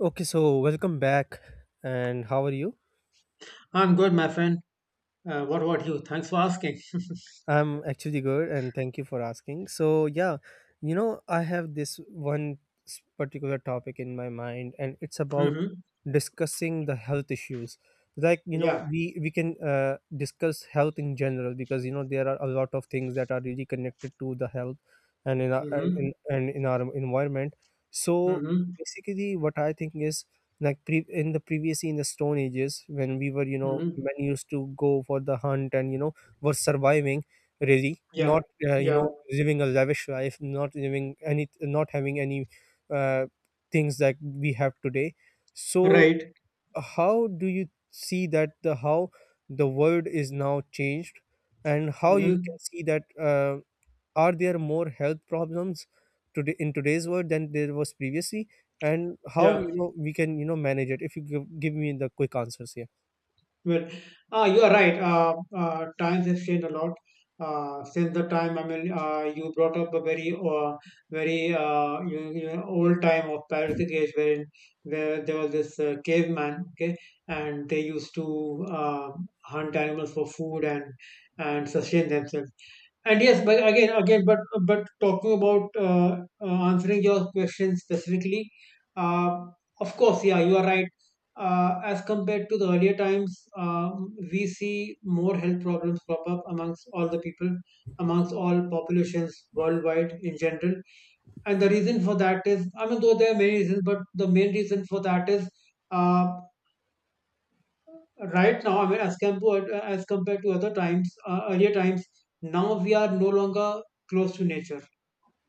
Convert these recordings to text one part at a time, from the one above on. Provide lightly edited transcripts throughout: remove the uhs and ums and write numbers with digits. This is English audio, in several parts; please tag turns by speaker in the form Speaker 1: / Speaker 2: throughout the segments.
Speaker 1: Okay, so welcome back, and how are you?
Speaker 2: I'm good, my friend. What about you? Thanks for asking.
Speaker 1: I'm actually good, and thank you for asking. So, yeah, I have this particular topic in my mind, and it's about
Speaker 2: Hmm.
Speaker 1: discussing the health issues. Like,
Speaker 2: Yeah.
Speaker 1: we can discuss health in general, because there are a lot of things that are really connected to the health, and in our,
Speaker 2: Hmm.
Speaker 1: and in, and in our environment. So
Speaker 2: Hmm.
Speaker 1: basically, what I think is, like, in the previously, in the stone ages, when we were,
Speaker 2: Hmm.
Speaker 1: men used to go for the hunt, and, were surviving, ready,
Speaker 2: Yeah.
Speaker 1: not
Speaker 2: Yeah.
Speaker 1: living a lavish life, not living any, not having any uh, things that we have today. So
Speaker 2: Right.
Speaker 1: how do you see that, the how the world is now changed, and how you can
Speaker 2: Hmm.
Speaker 1: see that, are there more health problems today, in today's world, than there was previously, and how,
Speaker 2: Yeah.
Speaker 1: we can, manage it? If you give me the quick answers here.
Speaker 2: Well, you are right. Times have changed a lot. Since the time, I mean, you brought up a very, old time of Paleolithic age, wherein where there was this caveman, okay, and they used to uh, hunt animals for food and sustain themselves. And yes, but but talking about answering your question specifically, uh, of course, yeah, you are right. As compared to the earlier times, we see more health problems pop up amongst all the people, amongst all populations worldwide in general. And the reason for that is, I mean, though there are many reasons, but the main reason for that is uh, right now, I mean, as compared to other times, earlier times, now we are no longer close to nature.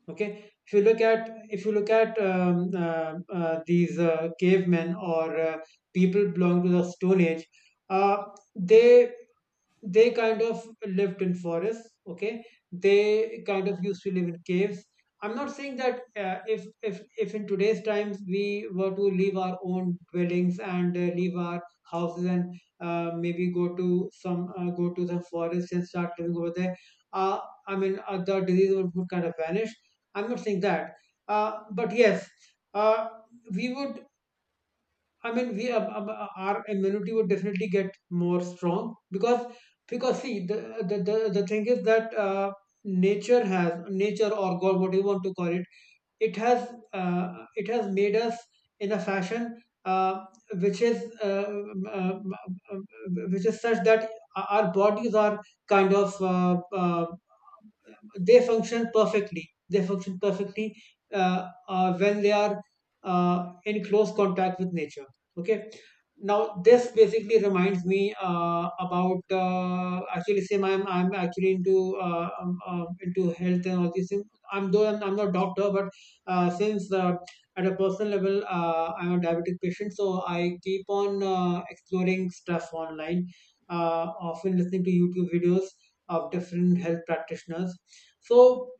Speaker 2: Okay, if you look at these cavemen, or people belong to the stone age. uh, they they kind of lived in forests. Okay, they kind of used to live in caves. I'm not saying that if in today's times we were to leave our own dwellings and leave our houses and maybe go to the forest and start living over there. uh, I mean, the disease would kind of vanish. I'm not saying that. But yes, uh, we would. I mean, we our immunity would definitely get more strong. Because see, the thing is that, nature or God, what do you want to call it, it has, it has made us in a fashion, which is uh, um, uh, um, um, which is such that our bodies are kind of uh, uh, they function perfectly when they are in close contact with nature. Okay, now this basically reminds me about, actually same I'm actually into, into health and all these things. I'm though I'm not a doctor, since, at a personal level, I'm a diabetic patient, so I keep on exploring stuff online, uh, often listening to YouTube videos of different health practitioners. So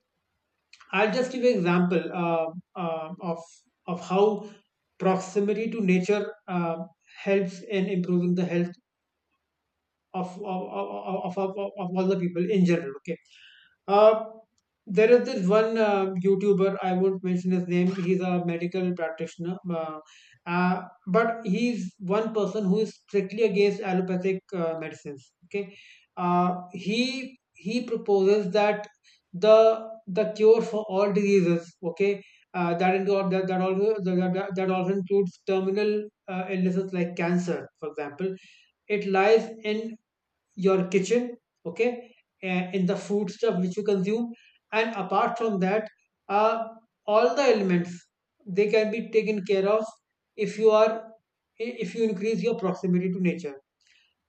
Speaker 2: I'll just give an example, of how proximity to nature helps in improving the health of all the people in general. Okay, uh, there is this one YouTuber, I won't mention his name, he's a medical practitioner. Uh, but he's one person who is strictly against allopathic medicines. Okay, he proposes that the cure for all diseases, okay, that, include, that that also that, that also includes terminal illnesses like cancer, for example. It lies in your kitchen, okay, and in the food stuff which you consume. And apart from that, uh, all the elements, they can be taken care of if you are if you increase your proximity to nature.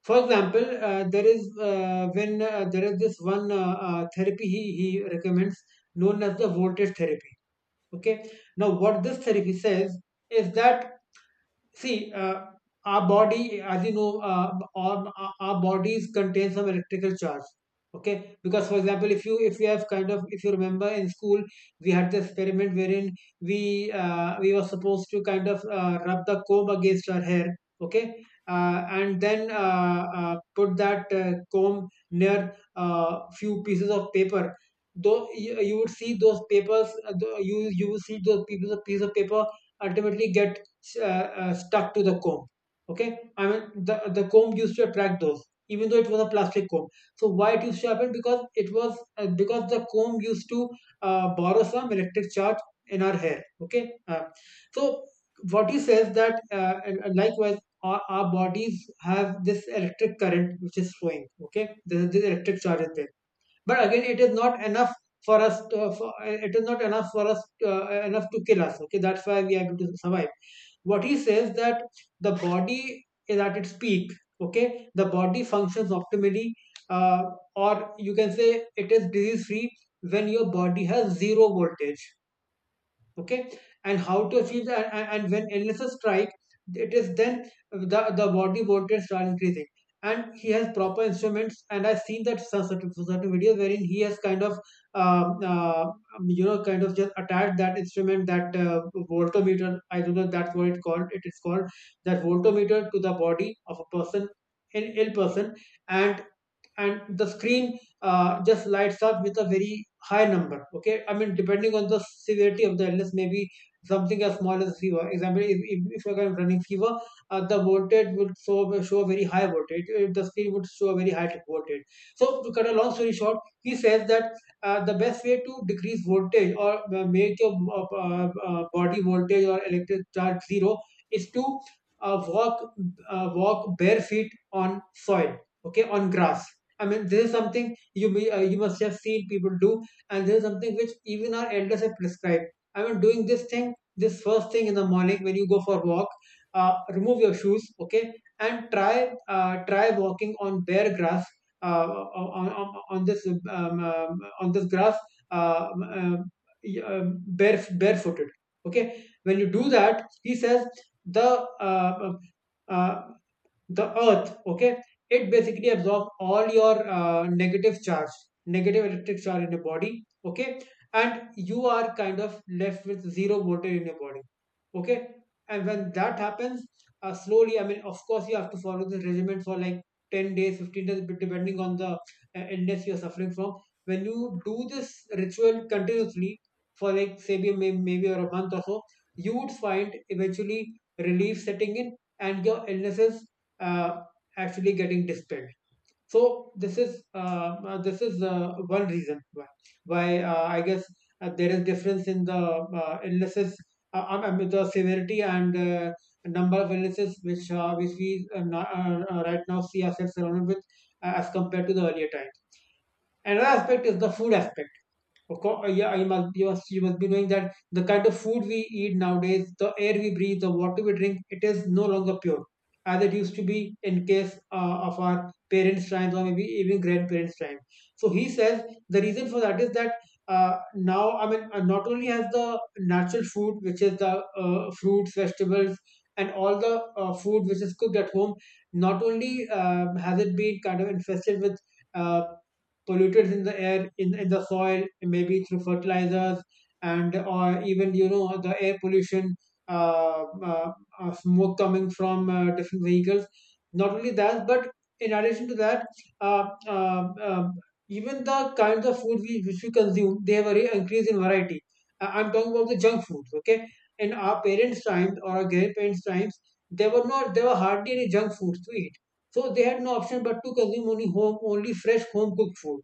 Speaker 2: For example, there is this one therapy he recommends, known as the voltage therapy. Okay, now what this therapy says is that, see, our body, as you know, our bodies contain some electrical charge. Okay, because, for example, if you have kind of if you remember in school, we had the experiment wherein we were supposed to rub the comb against our hair. Okay, and then put that comb near few pieces of paper. Though you would see those papers, you will see those piece of paper ultimately get stuck to the comb. Okay, I mean, the comb used to attract those, even though it was a plastic comb. So why it used to happen? Because it was Because the comb used to borrow some electric charge in our hair. Okay, so what he says that, likewise, our bodies have this electric current which is flowing. Okay, this electric charge is there, but again, it is not enough for us to, for, it is not enough for us, enough to kill us. Okay, that's why we are able to survive. What he says, that the body is at its peak. Okay, the body functions optimally, uh, or you can say it is disease free when your body has zero voltage. Okay, and how to achieve that? And when illnesses strike, it is then the body voltage start increasing. And he has proper instruments, and I've seen that some certain videos wherein he has kind of, um, uh, um, kind of just attached that instrument, that voltometer, I don't know that's what it called, it is called that voltometer, to the body of a person, an ill person. And and the screen just lights up with a very high number. Okay, I mean, depending on the severity of the illness, maybe something as small as fever, example, if you're running fever, the voltage would show a very high voltage, the screen would show a very high voltage. So to cut a long story short, he says that the best way to decrease voltage, or make your body voltage or electric charge zero, is to uh, walk walk bare feet on soil, okay, on grass. I mean, this is something you must have seen people do, and this is something which even our elders have prescribed. I mean, doing this thing, this first thing in the morning when you go for a walk, remove your shoes, okay, and try walking on bare grass, uh, on this grass, uh, um, um, barefooted, okay. When you do that, he says the uh, uh, the earth, okay, it basically absorbs all your negative electric charge in your body. Okay, and you are kind of left with zero voltage in your body. Okay, and when that happens, slowly, I mean, of course you have to follow this regimen for like 10 days, 15 days, but depending on the illness you're suffering from, when you do this ritual continuously for, like, say, maybe or a month or so, you would find eventually relief setting in and your illnesses uh, actually getting dispelled. So this is, one reason why, I guess, there is difference in the illnesses, I mean, the severity and number of illnesses which, we, right now, see ourselves surrounded with, as compared to the earlier times. Another aspect is the food aspect. Of course, yeah, you must be knowing that the kind of food we eat nowadays, the air we breathe, the water we drink, it is no longer pure as it used to be in case of our parents' times, or maybe even grandparents' time. So he says the reason for that is that, now, I mean, not only has the natural food, which is the fruits, vegetables, and all the food which is cooked at home, not only has it been kind of infested with. Uh, Pollutants in the air, in the soil, maybe through fertilizers, and or even, the air pollution, uh, uh, smoke coming from different vehicles. Not only that, but in addition to that, uh, uh, uh, even the kinds of food which we consume, they have a increase in variety. I'm talking about the junk foods. Okay, in our parents' times or our grandparents' times, there were not there were hardly any junk foods to eat, so they had no option but to consume only fresh home cooked food.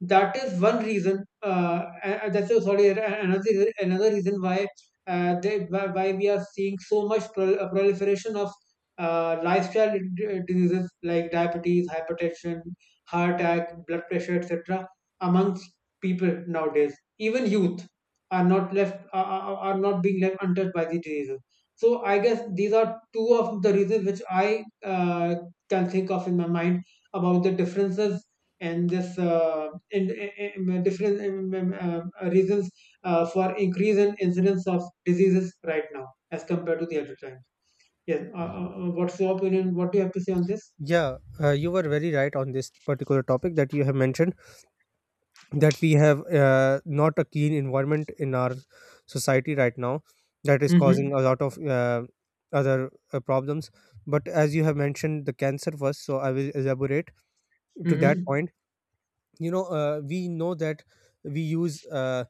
Speaker 2: That is one reason. That's a, sorry. Another another reason why, why we are seeing so much proliferation of lifestyle diseases like diabetes, hypertension, heart attack, blood pressure, etc. amongst people nowadays. Even youth are not being left untouched by these diseases. So I guess these are two of the reasons which I can think of in my mind, about the differences, and this, and different, reasons for increase in incidence of diseases right now, as compared to the other times. Yes. What's your opinion? What do you have to say on this?
Speaker 1: Yeah, you were very right on this particular topic that you have mentioned, that we have, not a keen environment in our society right now, that is
Speaker 2: Mm-hmm.
Speaker 1: causing a lot of other problems. But as you have mentioned the cancer first, so I will elaborate to that
Speaker 2: Mm-hmm.
Speaker 1: point. We know that, we use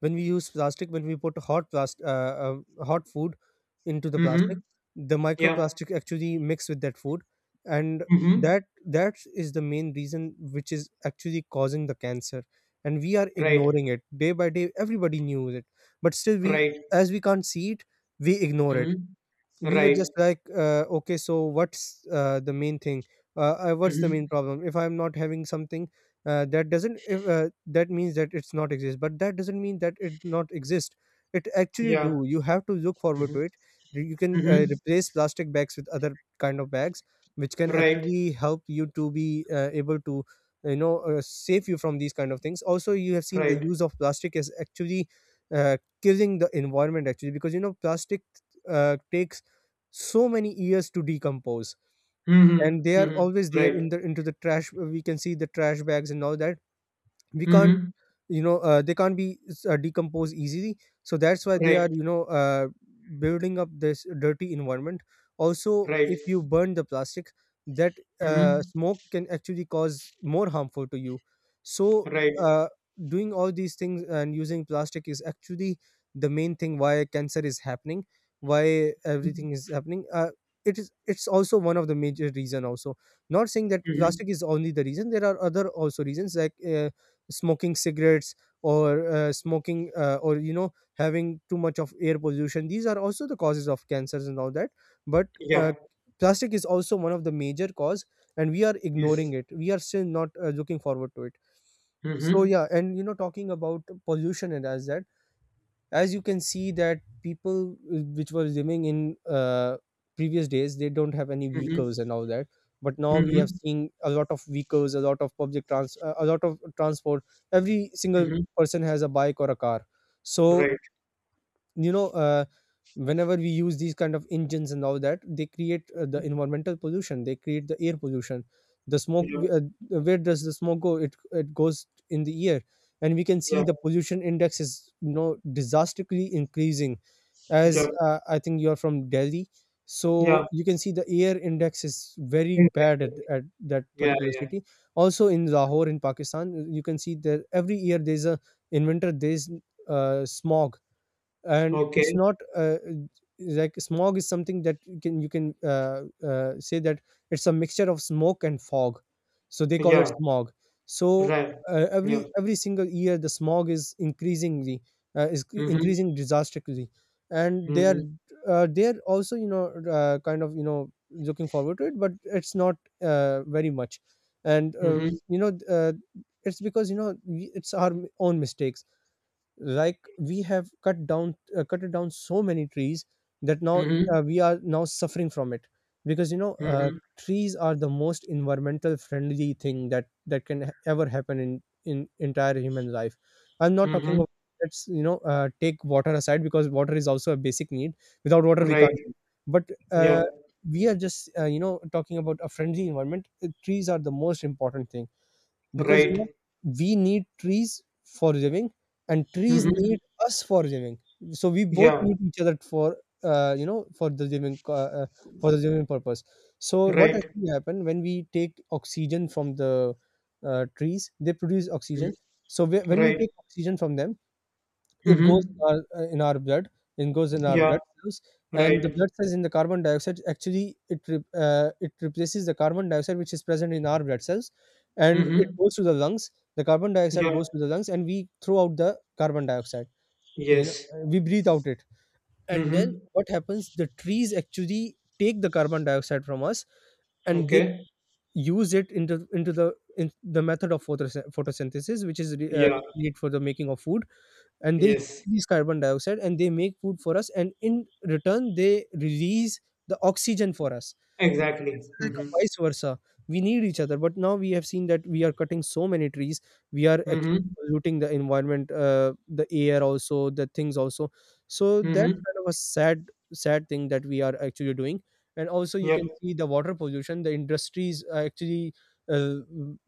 Speaker 1: when we use plastic, when we put hot plastic, hot food into the
Speaker 2: Mm-hmm.
Speaker 1: plastic, the
Speaker 2: Yeah.
Speaker 1: microplastic actually mix with that food, and
Speaker 2: Mm-hmm.
Speaker 1: that is the main reason which is actually causing the cancer. And we are
Speaker 2: Right.
Speaker 1: ignoring it day by day. Everybody knew it, but still we,
Speaker 2: Right.
Speaker 1: as we can't see it, we ignore it.
Speaker 2: Mm-hmm.
Speaker 1: We were
Speaker 2: Right.
Speaker 1: just like, okay, so what's the main thing, what's the
Speaker 2: Mm-hmm.
Speaker 1: main problem? If I'm not having something, that doesn't, if, that means that it's not exist, but that doesn't mean that it not exist. It actually,
Speaker 2: Yeah.
Speaker 1: do you have to look forward to it?
Speaker 2: Mm-hmm.
Speaker 1: You can
Speaker 2: Mm-hmm.
Speaker 1: replace plastic bags with other kind of bags, which can
Speaker 2: Right.
Speaker 1: actually help you to be able to, save you from these kind of things. Also, you have seen the
Speaker 2: Right.
Speaker 1: use of plastic is actually killing the environment, actually, because you know plastic takes so many years to decompose,
Speaker 2: Mm-hmm.
Speaker 1: and they are
Speaker 2: Mm-hmm.
Speaker 1: always there
Speaker 2: Right.
Speaker 1: in the into the trash. We can see the trash bags and all that. We can't,
Speaker 2: Mm-hmm.
Speaker 1: they can't be decomposed easily. So that's why they
Speaker 2: Right.
Speaker 1: are, building up this dirty environment. Also,
Speaker 2: Right.
Speaker 1: if you burn the plastic, that
Speaker 2: Mm-hmm.
Speaker 1: smoke can actually cause more harmful to you. So
Speaker 2: Right.
Speaker 1: uh, doing all these things and using plastic is actually the main thing why cancer is happening, why everything is happening. It's also one of the major reason also. Not saying that
Speaker 2: Mm-hmm.
Speaker 1: plastic is only the reason. There are other also reasons, like smoking cigarettes, or smoking or having too much of air pollution. These are also the causes of cancers and all that. But uh,
Speaker 2: Yeah.
Speaker 1: plastic is also one of the major cause, and we are
Speaker 2: Yes.
Speaker 1: ignoring it. We are still not looking forward to it. So
Speaker 2: Mm-hmm.
Speaker 1: yeah, and talking about pollution, and, as you can see, that people, which were gymming in previous days, they don't have any
Speaker 2: Mhm.
Speaker 1: vehicles and all that. But now we have
Speaker 2: Mhm.
Speaker 1: seen a lot of vehicles, a lot of public trans a lot of transport. Every single
Speaker 2: Mhm.
Speaker 1: person has a bike or a car. So
Speaker 2: Right.
Speaker 1: you know uh, whenever we use these kind of engines and all that, they create the environmental pollution, they create the air pollution, the smoke.
Speaker 2: Yeah.
Speaker 1: Where does the smoke go? It goes in the air. And we can see
Speaker 2: Yeah.
Speaker 1: the pollution index is, you know, disastrously increasing. As
Speaker 2: Yeah.
Speaker 1: I think you are from Delhi, so
Speaker 2: Yeah.
Speaker 1: you can see the air index is very bad
Speaker 2: Exactly.
Speaker 1: at that
Speaker 2: Yeah.
Speaker 1: particular
Speaker 2: Yeah.
Speaker 1: city. Also in Lahore, in Pakistan, you can see that every year there's a in winter there's smog. And it's
Speaker 2: Okay.
Speaker 1: not like, smog is something that you can say that it's a mixture of smoke and fog, so they call it
Speaker 2: Yeah.
Speaker 1: smog. So
Speaker 2: Right. Yeah.
Speaker 1: every single year the smog is
Speaker 2: Mhm.
Speaker 1: increasing disastrously. And they are,
Speaker 2: Mhm.
Speaker 1: they're also, kind of, you know, looking forward to it, but it's not very much. And
Speaker 2: Mhm.
Speaker 1: you know uh, it's because, you know, it's our own mistakes. Like, we have cut it down so many trees, that now
Speaker 2: Mhm.
Speaker 1: we are now suffering from it. Because,
Speaker 2: Mhm.
Speaker 1: trees are the most environmental friendly thing that can ever happen in entire human life. I'm not talking
Speaker 2: Mhm.
Speaker 1: about, let's, take water aside, because water is also a basic need. Without water we
Speaker 2: Right.
Speaker 1: can't live. But
Speaker 2: Yeah.
Speaker 1: we are just, talking about a friendly environment. Trees are the most important thing, because, you know,
Speaker 2: Right.
Speaker 1: we need trees for living, and trees
Speaker 2: Mhm.
Speaker 1: need us for living. So we both
Speaker 2: Yeah.
Speaker 1: need each other for, uh, you know for the living uh, uh, for the living purpose. So what
Speaker 2: Right.
Speaker 1: actually happen when we take oxygen from the, trees, they produce
Speaker 2: Mhm.
Speaker 1: oxygen. So when we
Speaker 2: Right.
Speaker 1: take oxygen from them, it goes
Speaker 2: Mhm.
Speaker 1: in our, in our blood. It goes in our
Speaker 2: Yeah.
Speaker 1: blood cells, and the
Speaker 2: Right.
Speaker 1: blood cells in the carbon dioxide, actually it replaces the carbon dioxide which is present in our blood cells, and it
Speaker 2: Mhm.
Speaker 1: goes to the lungs. The carbon dioxide
Speaker 2: Yeah.
Speaker 1: goes to the lungs, and we throw out the carbon dioxide. You know,
Speaker 2: Yes.
Speaker 1: uh, we breathe out it, and then
Speaker 2: Mhm.
Speaker 1: what happens? The trees actually take the carbon dioxide from us, and they
Speaker 2: Okay.
Speaker 1: use it into the in the method of photosynthesis, which is
Speaker 2: Yeah.
Speaker 1: need for the making of food. And they
Speaker 2: Yes.
Speaker 1: release carbon dioxide, and they make food for us, and in return they release the oxygen for us.
Speaker 2: Exactly.
Speaker 1: It's like
Speaker 2: Mhm.
Speaker 1: a vice versa. We need each other, but now we have seen that we are cutting so many trees. We are actually
Speaker 2: Mhm.
Speaker 1: polluting the environment, the air also, the things also. So that's
Speaker 2: Mhm.
Speaker 1: kind of a sad, sad thing that we are actually doing. And also, you
Speaker 2: Yep.
Speaker 1: can see the water pollution. The industries are actually uh,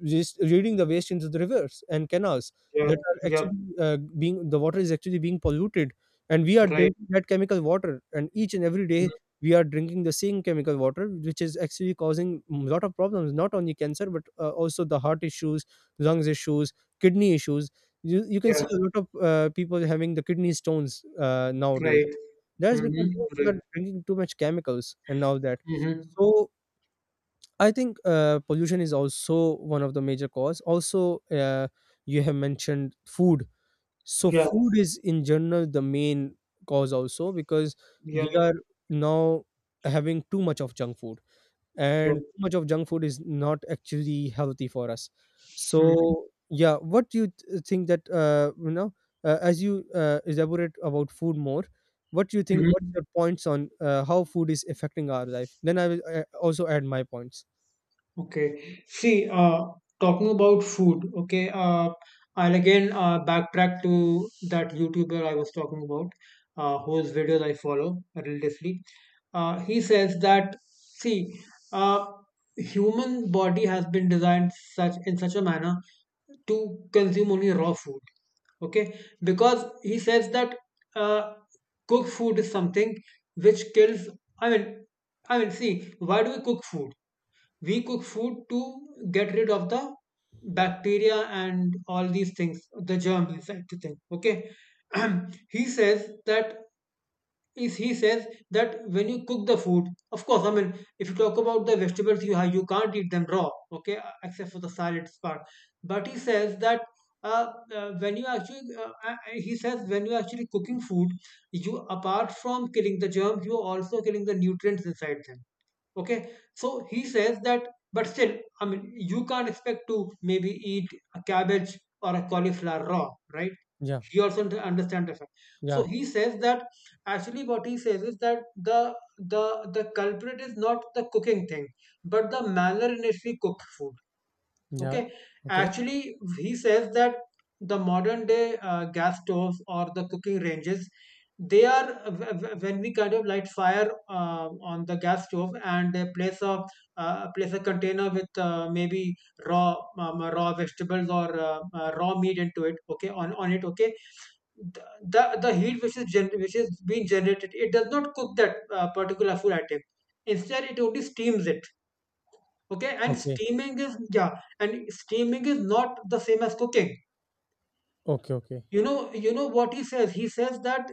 Speaker 1: just reading the waste into the rivers and canals.
Speaker 2: Yep.
Speaker 1: that are actually
Speaker 2: Yep.
Speaker 1: uh, being the water is actually being polluted, and we are
Speaker 2: Right.
Speaker 1: drinking that chemical water. And each and every
Speaker 2: Mhm.
Speaker 1: day we are drinking the same chemical water, which is actually causing a lot of problems, not only cancer, but also the heart issues, lungs issues, kidney issues. You can
Speaker 2: Yeah.
Speaker 1: see a lot of people having the kidney stones nowadays.
Speaker 2: Right.
Speaker 1: That's because, you
Speaker 2: Mm-hmm.
Speaker 1: know, we are
Speaker 2: Right.
Speaker 1: drinking too much chemicals and all that.
Speaker 2: Mm-hmm.
Speaker 1: So I think pollution is also one of the major cause also. You have mentioned food, so
Speaker 2: Yeah.
Speaker 1: food is in general the main cause also, because we
Speaker 2: Yep.
Speaker 1: are now having too much of junk food, and
Speaker 2: Yep.
Speaker 1: too much of junk food is not actually healthy for us.
Speaker 2: Mm-hmm.
Speaker 1: So yeah, what do you think that, as you, elaborate about food more, what do you think? What's
Speaker 2: Mm-hmm.
Speaker 1: your points on, how food is affecting our life? Then I will also add my points.
Speaker 2: Okay. See, talking about food, okay, I'll again backtrack to that YouTuber I was talking about, whose videos I follow religiously. He says that, see, uh, human body has been designed such in such a manner to consume only raw food. Okay, because he says that uh, cooked food is something which kills. I mean, I mean, see, why do we cook food? We cook food to get rid of the bacteria and all these things, the germs inside the thing, okay. He says that is he says that when you cook the food, of course I mean, if you talk about the vegetables, you can't eat them raw, okay, except for the salads part. But he says that uh, when you actually he says when you actually cooking food, you, apart from killing the germs, you are also killing the nutrients inside them. Okay, so he says that, but still, I mean, you can't expect to maybe eat a cabbage or a cauliflower raw, right?
Speaker 1: Yeah,
Speaker 2: He also d- understands the fact. So
Speaker 1: yeah,
Speaker 2: he says that actually what he says is that the culprit is not the cooking thing, but the manner in which we cook food.
Speaker 1: yeah.
Speaker 2: Okay,
Speaker 1: Okay,
Speaker 2: actually, he says that the modern day gas stoves or the cooking ranges, they are when we kind of light fire on the gas stove and they place a place a container with maybe raw raw vegetables or raw meat into it. Okay, on it. Okay, the heat which is gen- which is being generated, it does not cook that particular food item. Instead, it only steams it. Okay, and
Speaker 1: okay,
Speaker 2: steaming is, yeah, and steaming is not the same as cooking.
Speaker 1: okay, okay.
Speaker 2: You know, you know what he says, he says that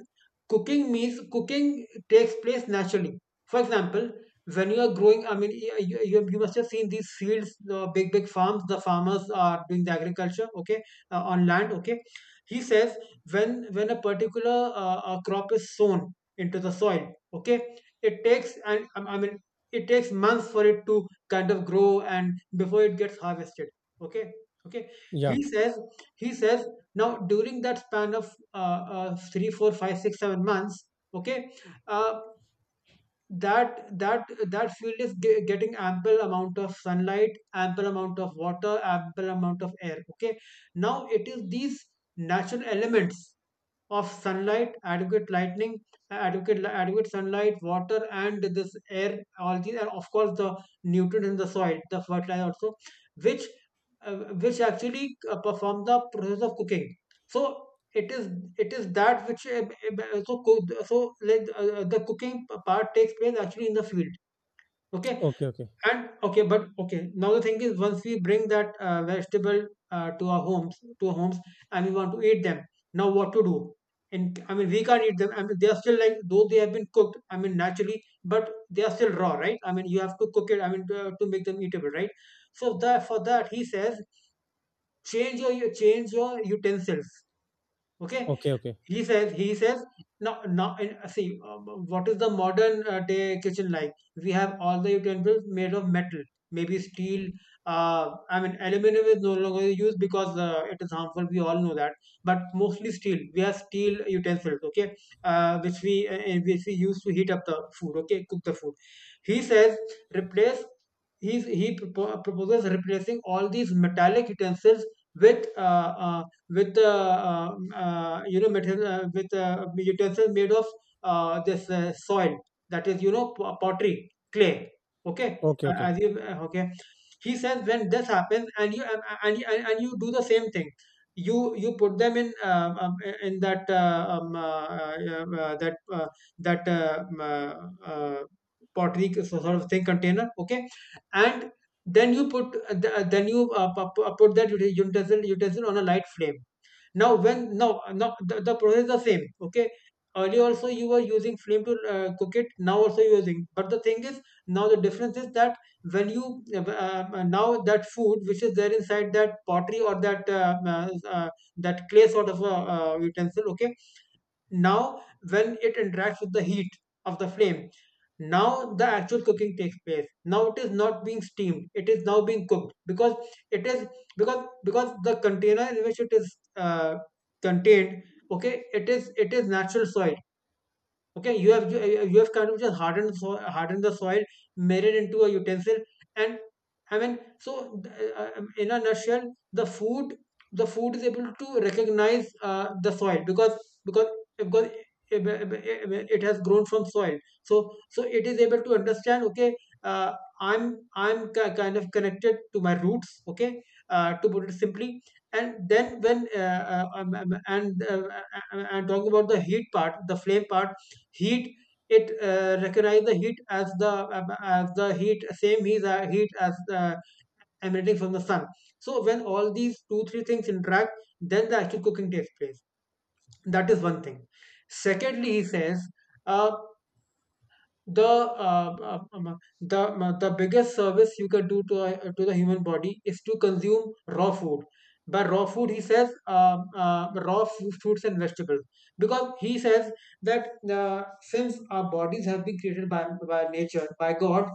Speaker 2: cooking means cooking takes place naturally. For example, when you are growing, I mean y- you must have seen these fields, the big big farms, the farmers are doing the agriculture, okay, on land, okay. He says when a particular crop is sown into the soil, okay, it takes and I mean it takes months for it to kind of grow and before it gets harvested. Okay. Okay,
Speaker 1: Yeah,
Speaker 2: he says he says now during that span of 3 4 5 6 7 months, okay, uh, that that that field is ge- getting ample amount of sunlight, ample amount of water, ample amount of air, okay. Now it is these natural elements of sunlight, adequate lightning, adequate sunlight, water, and this air, all these, and of course the nutrients in the soil, the fertilizer also, which uh, which actually perform the process of cooking. So it is, it is that which so cook, so like the cooking part takes place actually in the field. Okay,
Speaker 1: okay, okay,
Speaker 2: and okay, but okay. Now the thing is, once we bring that vegetable to our homes, and we want to eat them, now what to do? And I mean, we can't eat them. I mean, they are still like though they have been cooked. I mean, naturally, but they are still raw, right? I mean, you have to cook it. I mean, to make them eatable, right? So that for that, he says, change your- change your utensils. Okay,
Speaker 1: okay, okay,
Speaker 2: he says now now, and, see what is the modern day kitchen like. We have all the utensils made of metal, maybe steel. I mean aluminum is no longer used because it is harmful, we all know that. But mostly steel, we have steel utensils, okay, which we use to heat up the food, okay, cook the food. He says replace, he's, he propo- proposes replacing all these metallic utensils with uh, uh, with you know material with utensils made of this soil, that is you know p- pottery, clay, okay.
Speaker 1: okay, okay.
Speaker 2: As you okay, he says when this happens and you and you do the same thing, you put them in that that that uh, um, uh, uh, pottery sort of thing container, okay, and then you put th- then you pu- pu- put that utensil on a light flame. Now when now now the process is the same, okay. Earlier also you were using flame to cook it, now also you're using, but the thing is now the difference is that when you now that food which is there inside that pottery or that that clay sort of a utensil, okay. Now when it interacts with the heat of the flame, now the actual cooking takes place. Now it is not being steamed, it is now being cooked, because it is, because the container in which it is contained, okay, it is, it is natural soil, okay. You have you have kind of just hardened, hardened the soil, made it into a utensil. And I mean, so in a nutshell, the food, the food is able to recognize the soil, because, because because it it- it has grown from soil. So, so it is able to understand okay, uh, i'm I'm ki- kind of connected to my roots, okay, to put it simply. And then when and talking about the heat part, the flame part, heat, it recognize the heat as the heat, same heat, heat as the emanating from the sun. So when all these two three things interact, then the actual cooking takes place. That is one thing. Secondly he says uh, the uh, um, um, uh, the biggest service you can do to a, to the human body is to consume raw food. By raw food, he says raw fu- fruits and vegetables, because he says that since our bodies have been created by nature by God,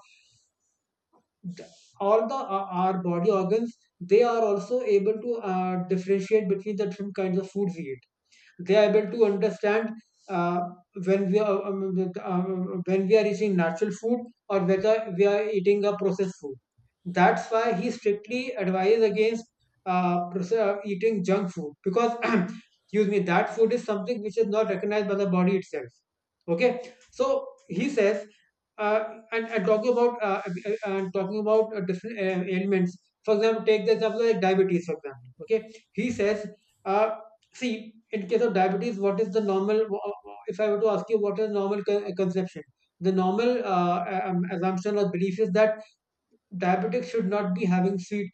Speaker 2: th- all the our body organs, they are also able to differentiate between the different kinds of foods we eat. They are able to understand uh, when we are um, when we are eating natural food or whether we are eating a processed food. That's why he strictly advises against eating junk food, because excuse me, that food is something which is not recognized by the body itself. Okay, so he says, uh, and talking about and talking about different ailments. For example, take the example like diabetes. For example, okay, he says. Uh, See, in case of diabetes, what is the normal? If I were to ask you, what is normal con- conception? The normal assumption or belief is that diabetics should not be having sweet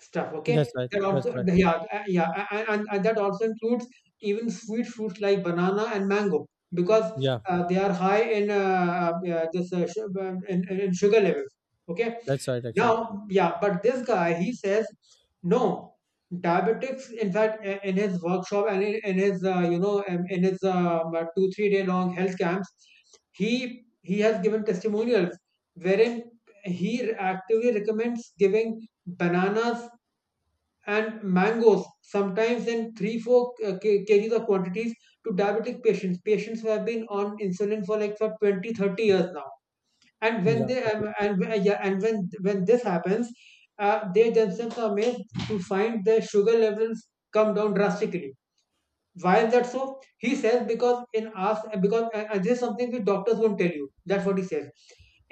Speaker 2: stuff. Okay,
Speaker 1: That's right.
Speaker 2: that
Speaker 1: That's
Speaker 2: also,
Speaker 1: right.
Speaker 2: yeah, and that also includes even sweet fruits like banana and mango, because
Speaker 1: Yeah,
Speaker 2: they are high in yeah, this su- in sugar levels. Okay,
Speaker 1: that's right actually.
Speaker 2: now, yeah, but this guy, he says, no, diabetics, in fact, I- in his workshop and in his, you know, in his two, 3 day long health camps, he has given testimonials wherein he actively recommends giving bananas and mangoes, sometimes in three, four k- kgs of quantities to diabetic patients, patients who have been on insulin for like for 20 30 years now. And when
Speaker 1: Yeah,
Speaker 2: they
Speaker 1: okay.
Speaker 2: and yeah, and when this happens, they themselves are made to find their sugar levels come down drastically. Why is that so? He says because in us, because this is something which doctors won't tell you. That's what he says.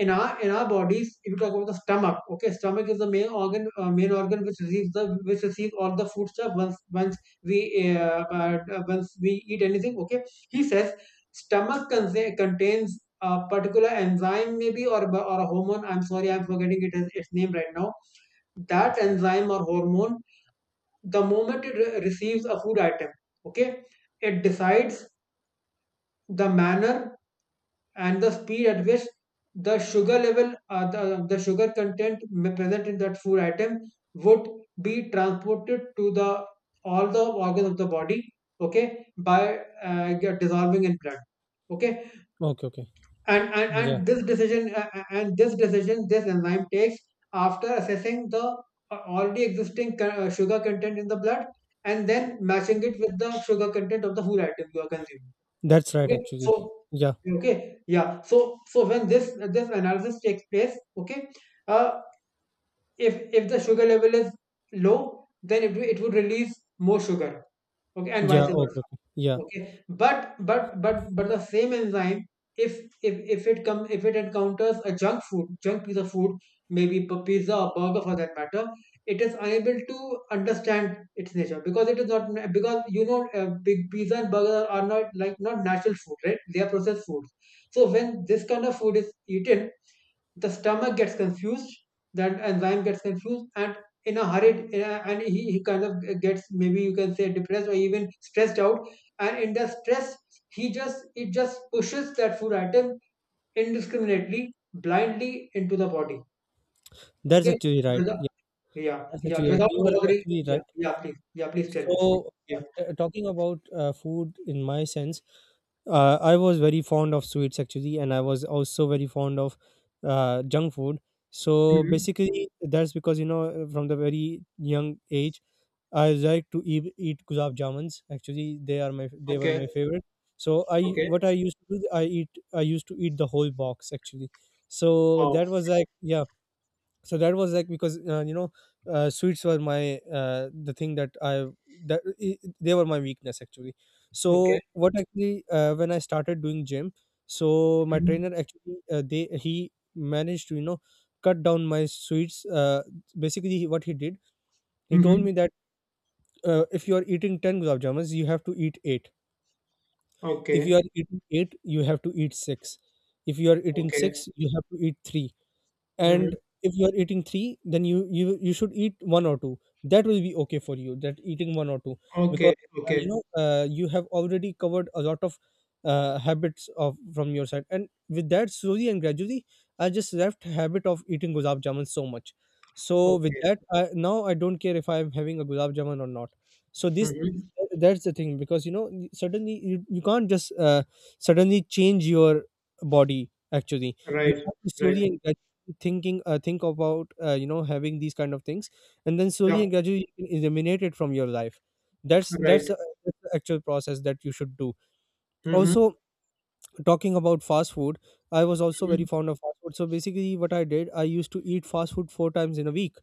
Speaker 2: In our bodies, if you talk about the stomach, okay, stomach is the main organ which receives the which receives all the food stuff once once we eat anything. Okay, he says stomach contains a particular enzyme, maybe, or a hormone. I'm sorry, I'm forgetting it is its name right now. That enzyme or hormone, the moment it receives a food item, okay, it decides the manner and the speed at which the sugar level, the sugar content present in that food item, would be transported to the all the organs of the body, okay, by get dissolving in blood, okay.
Speaker 1: Okay, okay.
Speaker 2: and and,
Speaker 1: Yeah.
Speaker 2: and this decision, this enzyme takes after assessing the already existing sugar content in the blood, and then matching it with the sugar content of the food item you are consuming,
Speaker 1: That's right
Speaker 2: okay. So,
Speaker 1: actually. Yeah.
Speaker 2: okay. Yeah. So when this analysis takes place, okay. uh, if the sugar level is low, then it would release more sugar, okay, and vice
Speaker 1: Yeah, okay,
Speaker 2: versa.
Speaker 1: okay. Yeah.
Speaker 2: Okay. But the same enzyme, if if it encounters a junk piece of food, maybe pizza or burger for that matter, it is unable to understand its nature because it is not because big pizza and burger are not like not natural food, right? They are processed foods. So when this kind of food is eaten, the stomach gets confused, that enzyme gets confused, and in a hurry, and he kind of gets, maybe you can say, depressed or even stressed out. And in the stress, he just it just pushes that food item, indiscriminately, blindly, into the body.
Speaker 1: That's
Speaker 2: Okay.
Speaker 1: actually right.
Speaker 2: Without-
Speaker 1: Yeah,
Speaker 2: yeah,
Speaker 1: that's
Speaker 2: yeah,
Speaker 1: actually right.
Speaker 2: without
Speaker 1: You are
Speaker 2: bothering.
Speaker 1: actually
Speaker 2: Yeah,
Speaker 1: right.
Speaker 2: yeah, please. Yeah, please tell me. Mm,
Speaker 1: So
Speaker 2: yeah.
Speaker 1: talking about food in my sense, I was very fond of sweets actually, and I was also very fond of junk food. So
Speaker 2: Hmm.
Speaker 1: basically, that's because, you know, from the very young age I like to eat gulab jamuns. Actually, they were
Speaker 2: Okay,
Speaker 1: my favorite. So I
Speaker 2: okay.
Speaker 1: what I used to do, I used to eat the whole box actually. So
Speaker 2: Wow.
Speaker 1: that was like, yeah. So that was like because, sweets were my the thing that, they were my weakness actually.
Speaker 2: Okay.
Speaker 1: So what actually, when I started doing gym, so my
Speaker 2: Mm-hmm.
Speaker 1: trainer actually, they he managed to, cut down my sweets. Basically, what he did, he told
Speaker 2: Mm-hmm.
Speaker 1: me that if you are eating 10 gulab jamuns you have to eat 8, if
Speaker 2: Okay,
Speaker 1: you are eating 8 you have to eat 6, if you are eating
Speaker 2: okay.
Speaker 1: 6 you have to eat 3,
Speaker 2: Mm-hmm.
Speaker 1: and if you are eating three, then you should eat one or two. That will be okay for you, that eating one or two, because
Speaker 2: Okay,
Speaker 1: you
Speaker 2: okay,
Speaker 1: know, you have already covered a lot of habits of from your side, and with that, slowly and gradually I just left habit of eating gulab jamun so much. So with
Speaker 2: okay.
Speaker 1: that now I don't care if I'm having a gulab jamun or not. So this
Speaker 2: Mm-hmm.
Speaker 1: that's the thing, because you know, you can't just suddenly change your body actually. You
Speaker 2: Right,
Speaker 1: have to
Speaker 2: right.
Speaker 1: slowly and gradually think about you know, having these kind of things, and then
Speaker 2: Yeah,
Speaker 1: slowly and gradually you can eliminate it from your life. that's
Speaker 2: right.
Speaker 1: that's, uh, that's the actual process that you should do.
Speaker 2: Mm-hmm.
Speaker 1: Also, talking about fast food, I was also very
Speaker 2: Mm-hmm.
Speaker 1: fond of fast food. So basically, what I did, I used to eat fast food four times in a week.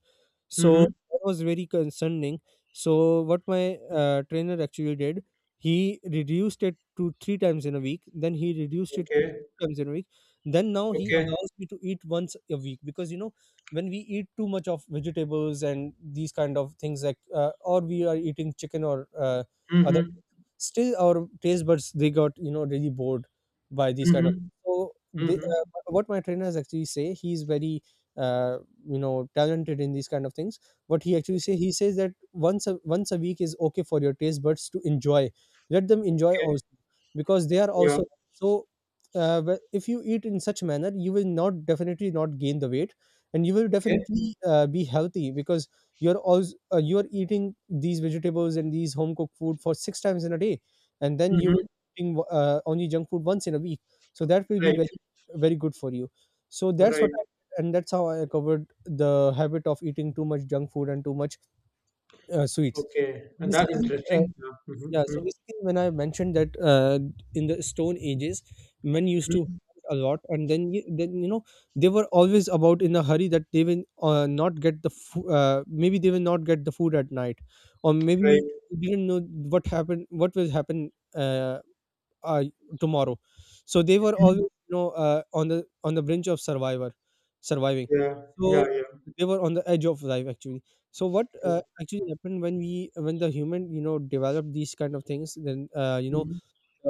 Speaker 1: So
Speaker 2: Mm-hmm.
Speaker 1: that was very concerning. So what my trainer actually did, he reduced it to three times in a week. Then he reduced it to
Speaker 2: Okay.
Speaker 1: two times in a week. Then now he
Speaker 2: Okay.
Speaker 1: allows me to eat once a week, because you know, when we eat too much of vegetables and these kind of things, like or we are eating chicken or other,
Speaker 2: Mm-hmm.
Speaker 1: still our taste buds, they got you know really bored by these kind of.
Speaker 2: Mm-hmm.
Speaker 1: So they,
Speaker 2: Mm-hmm.
Speaker 1: what my trainers actually say, he's very uh, you know, talented in these kind of things. What he actually
Speaker 2: Okay.
Speaker 1: say, he says that once a week is okay for your taste buds to enjoy. Let them enjoy
Speaker 2: Okay.
Speaker 1: also, because they are
Speaker 2: Yeah.
Speaker 1: also. So if you eat in such manner, you will not, definitely not, gain the weight, and you will
Speaker 2: Okay.
Speaker 1: definitely be healthy, because you're eating these vegetables and these home cooked food for six times in a day, and then you
Speaker 2: Mm-hmm.
Speaker 1: will eating only junk food once in a week. So that will be
Speaker 2: Right.
Speaker 1: very, very good for you. So
Speaker 2: Right.
Speaker 1: and that's how I covered the habit of eating too much junk food and too much sweets.
Speaker 2: Okay.
Speaker 1: So
Speaker 2: And that's
Speaker 1: basically, uh,
Speaker 2: interesting. Yeah.
Speaker 1: yeah, so
Speaker 2: Mm-hmm.
Speaker 1: basically, when I mentioned that in the stone ages, men used to
Speaker 2: Mm-hmm.
Speaker 1: eat a lot, and then you know, they were always about in a hurry, that they will not get the maybe they will not get the food at night, or maybe
Speaker 2: Right.
Speaker 1: they didn't know what happened, what will happen, uh, uh, tomorrow. So they were
Speaker 2: Mm-hmm.
Speaker 1: always, you know, on the brink of survivor, surviving.
Speaker 2: Yeah. Yeah.
Speaker 1: So
Speaker 2: Yeah.
Speaker 1: they were on the edge of life actually. So what
Speaker 2: Yeah.
Speaker 1: actually happened, when we when the human, you know, developed these kind of things, then you know,
Speaker 2: Mm-hmm.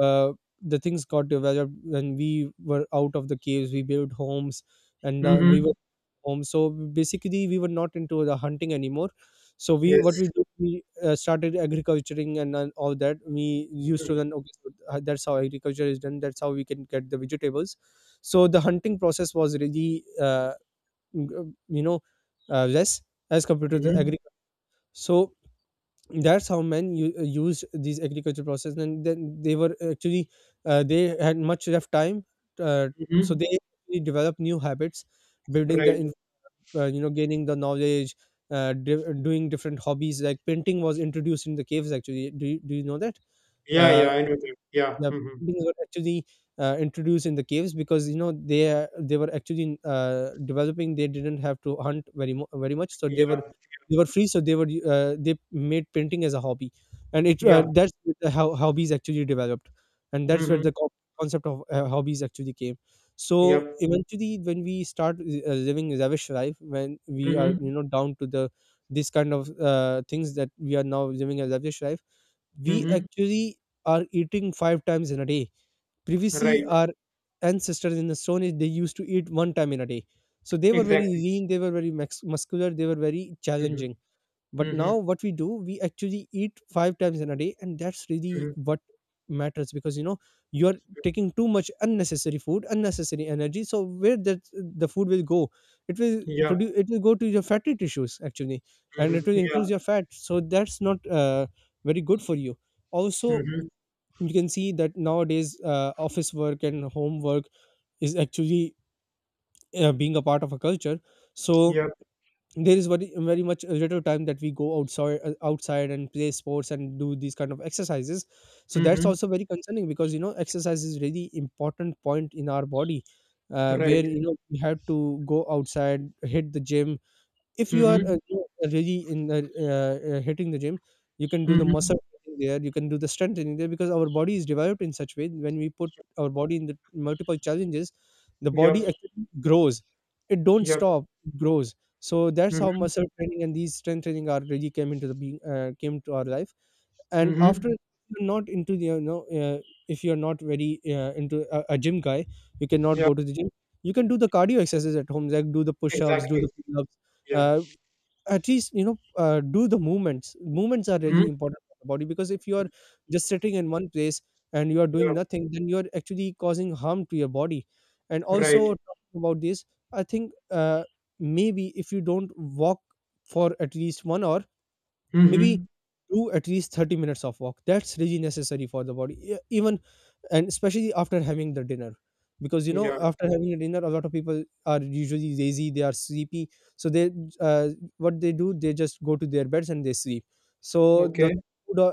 Speaker 1: uh, the things got developed. When we were out of the caves, we built homes, and we
Speaker 2: Mm-hmm.
Speaker 1: were home. So basically, we were not into the hunting anymore. So we, what
Speaker 2: Yes.
Speaker 1: we did, we started agriculturing, and all that. We used to then, okay, so that's how agriculture is done, that's how we can get the vegetables. So the hunting process was really you know, less as compared to the
Speaker 2: Mm-hmm.
Speaker 1: agriculture. So that's how men used these agriculture process, and then they were actually they had much left time. uh, so
Speaker 2: Mm-hmm.
Speaker 1: they actually developed new habits, building the
Speaker 2: Right.
Speaker 1: you know, gaining the knowledge, doing different hobbies, like painting was introduced in the caves actually. Do do you know that?
Speaker 2: Yeah. Yeah.
Speaker 1: uh,
Speaker 2: I know that. Yeah.
Speaker 1: the
Speaker 2: Mm-hmm.
Speaker 1: building were actually introduced in the caves, because you know, they were actually developing. They didn't have to hunt very much, so
Speaker 2: Yeah.
Speaker 1: they were, they were free, so they were they made painting as a hobby. And it
Speaker 2: Yeah.
Speaker 1: that's how hobbies actually developed. And that's where
Speaker 2: Mm-hmm.
Speaker 1: concept of hobbies actually came. So
Speaker 2: Yep.
Speaker 1: eventually, when we start living lavish life, when we are,
Speaker 2: Mm-hmm.
Speaker 1: you know, down to the this kind of things, that we are now living a lavish life, we
Speaker 2: Mm-hmm.
Speaker 1: actually are eating five times in a day. Previously,
Speaker 2: Right.
Speaker 1: our ancestors in the stone age, they used to eat one time in a day. So they were very
Speaker 2: Exactly.
Speaker 1: lean, they were muscular, they were very challenging.
Speaker 2: Mm-hmm.
Speaker 1: But now,
Speaker 2: Mm-hmm.
Speaker 1: what we do, we actually eat five times in a day, and that's really
Speaker 2: Mm-hmm.
Speaker 1: what matters, because you know, you're taking too much unnecessary food, unnecessary energy. So where that the food will go,
Speaker 2: Yeah.
Speaker 1: it will go to your fatty tissues actually. And
Speaker 2: Mm-hmm.
Speaker 1: it will
Speaker 2: Yeah.
Speaker 1: increase your fat. So that's not very good for you. Also,
Speaker 2: Mm-hmm.
Speaker 1: you can see that nowadays office work and homework is actually being a part of a culture. So
Speaker 2: Yeah.
Speaker 1: there is very, very much a little time that we go outside, outside, and play sports and do these kind of exercises. So that's
Speaker 2: Mm-hmm.
Speaker 1: also very concerning, because you know, exercise is really important point in our body.
Speaker 2: Right.
Speaker 1: Where, you know, we have to go outside, hit the gym. If you are
Speaker 2: Mm-hmm.
Speaker 1: you know, really in the hitting the gym, you can do the
Speaker 2: Mm-hmm.
Speaker 1: muscle training there, you can do the strength training there. Because our body is developed in such way, when we put our body in the multiple challenges, the
Speaker 2: Yep.
Speaker 1: body actually grows. It don't
Speaker 2: Yep.
Speaker 1: stop, it grows. So that's how
Speaker 2: Mm-hmm.
Speaker 1: muscle training and these strength training are really came into the being, came to our life. And
Speaker 2: Mm-hmm.
Speaker 1: after, you're not into the, you know, if you're not very into a gym guy, you cannot
Speaker 2: Yeah.
Speaker 1: go to the gym. You can do the cardio exercises at home, like do the push-ups, do
Speaker 2: Exactly.
Speaker 1: the pull-ups.
Speaker 2: Yeah.
Speaker 1: uh, at least, you know, do the movements. Movements are
Speaker 2: Mm-hmm.
Speaker 1: really important for the body. Because if you are just sitting in one place and you are
Speaker 2: Yeah.
Speaker 1: doing nothing, then you are actually causing harm to your body. And also,
Speaker 2: Right.
Speaker 1: talking about this, I think maybe if you don't walk for at least 1 hour, maybe
Speaker 2: Mm-hmm.
Speaker 1: do at least 30 minutes of walk. That's really necessary for the body. Even, and especially, after having the dinner. Because you know,
Speaker 2: Yeah.
Speaker 1: after having a dinner, a lot of people are usually lazy, they are sleepy. So they, uh, what they do, they just go to their beds and they sleep. So the
Speaker 2: Okay.
Speaker 1: food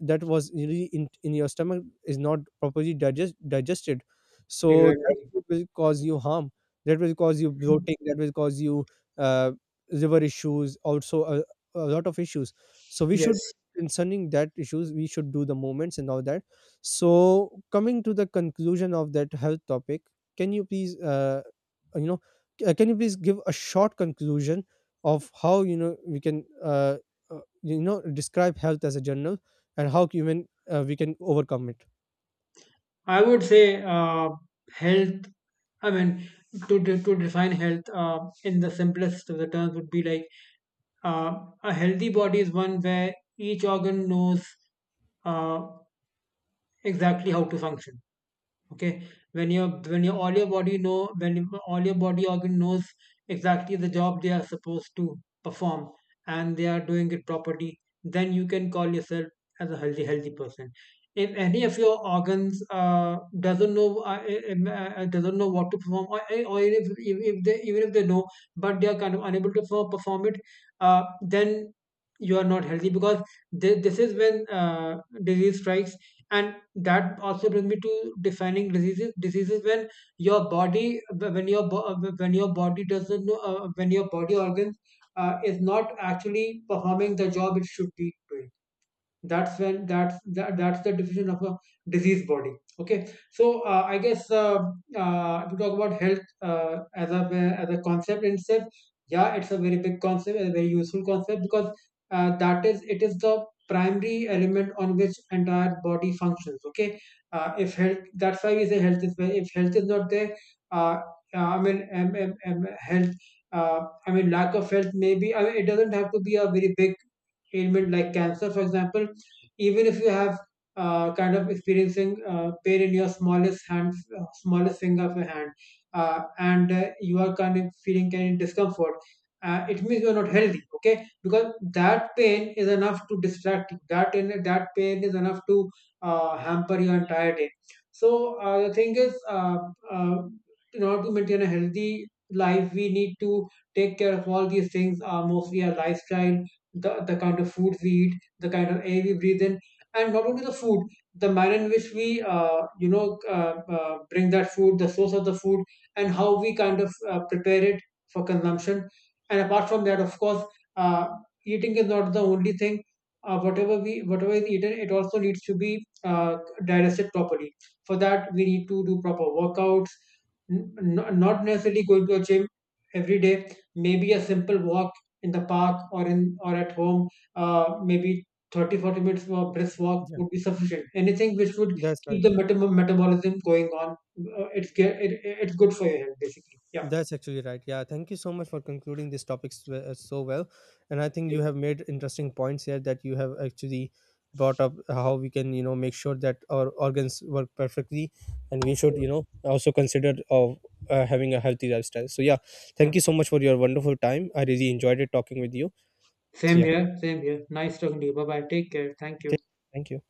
Speaker 1: that was really in your stomach is not properly digested. So that
Speaker 2: Exactly.
Speaker 1: food will cause you harm. That will cause you bloating, that will cause you uh, liver issues, also a lot of issues. So we should,
Speaker 2: Yes.
Speaker 1: concerning that issues, we should do the movements and all that. So coming to the conclusion of that health topic, can you please you know, can you please give a short conclusion of how, you know, we can you know, describe health as a journal, and how human we can overcome it.
Speaker 2: I would say, health. I mean, to to define health, in the simplest of the terms, would be like, uh, a healthy body is one where each organ knows, uh, exactly how to function. Okay, when your, when your all your body know all your body organ knows exactly the job they are supposed to perform, and they are doing it properly, then you can call yourself as a healthy person. If any of your organs, doesn't know, doesn't know what to perform, or even if they know, but they are kind of unable to perform it, then you are not healthy, because this is when, disease strikes. And that also brings me to defining diseases. When your body, when your when your body doesn't know, when your body organs is not actually performing the job it should be doing. That's when that's that, that's the definition of a diseased body. Okay, so, I guess, if we talk about health, as a, concept in itself, yeah, it's a very big concept, a very useful concept, because, that is it is the primary element on which entire body functions. Okay, if health, that's why we say health is very, if health is not there, uh, I mean, health, uh, I mean, lack of health, maybe I mean, it doesn't have to be a very big ailment, like cancer, for example. Even if you have, kind of experiencing, pain in your smallest hand, smallest finger of your hand, and you are kind of feeling kind of discomfort, it means you are not healthy. Okay, because that pain is enough to distract you. That in that pain is enough to hamper your entire day. So, the thing is, uh, in order to maintain a healthy life, we need to take care of all these things, mostly our lifestyle, the kind of food we eat, the kind of air we breathe in, and not only the food, the manner in which we, bring that food, the source of the food, and how we kind of prepare it for consumption. And apart from that, of course, uh, eating is not the only thing. Whatever is eaten, it also needs to be digested properly. For that, we need to do proper workouts. Not necessarily going to a gym every day. Maybe a simple walk in the park, or at home, maybe 30-40 minutes of brisk walk
Speaker 1: Yeah,
Speaker 2: would be sufficient, anything which would
Speaker 1: that's
Speaker 2: keep
Speaker 1: right.
Speaker 2: the metabolism going on, it's good for your health, basically. Yeah.
Speaker 1: That's actually right. Yeah, thank you so much for concluding this topic so well. And I think
Speaker 2: Yeah.
Speaker 1: you have made interesting points here, that you have actually brought up how we can, you know, make sure that our organs work perfectly. And we
Speaker 2: Yeah.
Speaker 1: should, you know, also consider of having a healthy lifestyle. So, yeah,
Speaker 2: Yeah.
Speaker 1: thank you so much for your wonderful time. I really enjoyed it talking with you. So,
Speaker 2: same
Speaker 1: yeah,
Speaker 2: here same here nice talking to you. Bye bye, take care, thank you.
Speaker 1: th- thank you.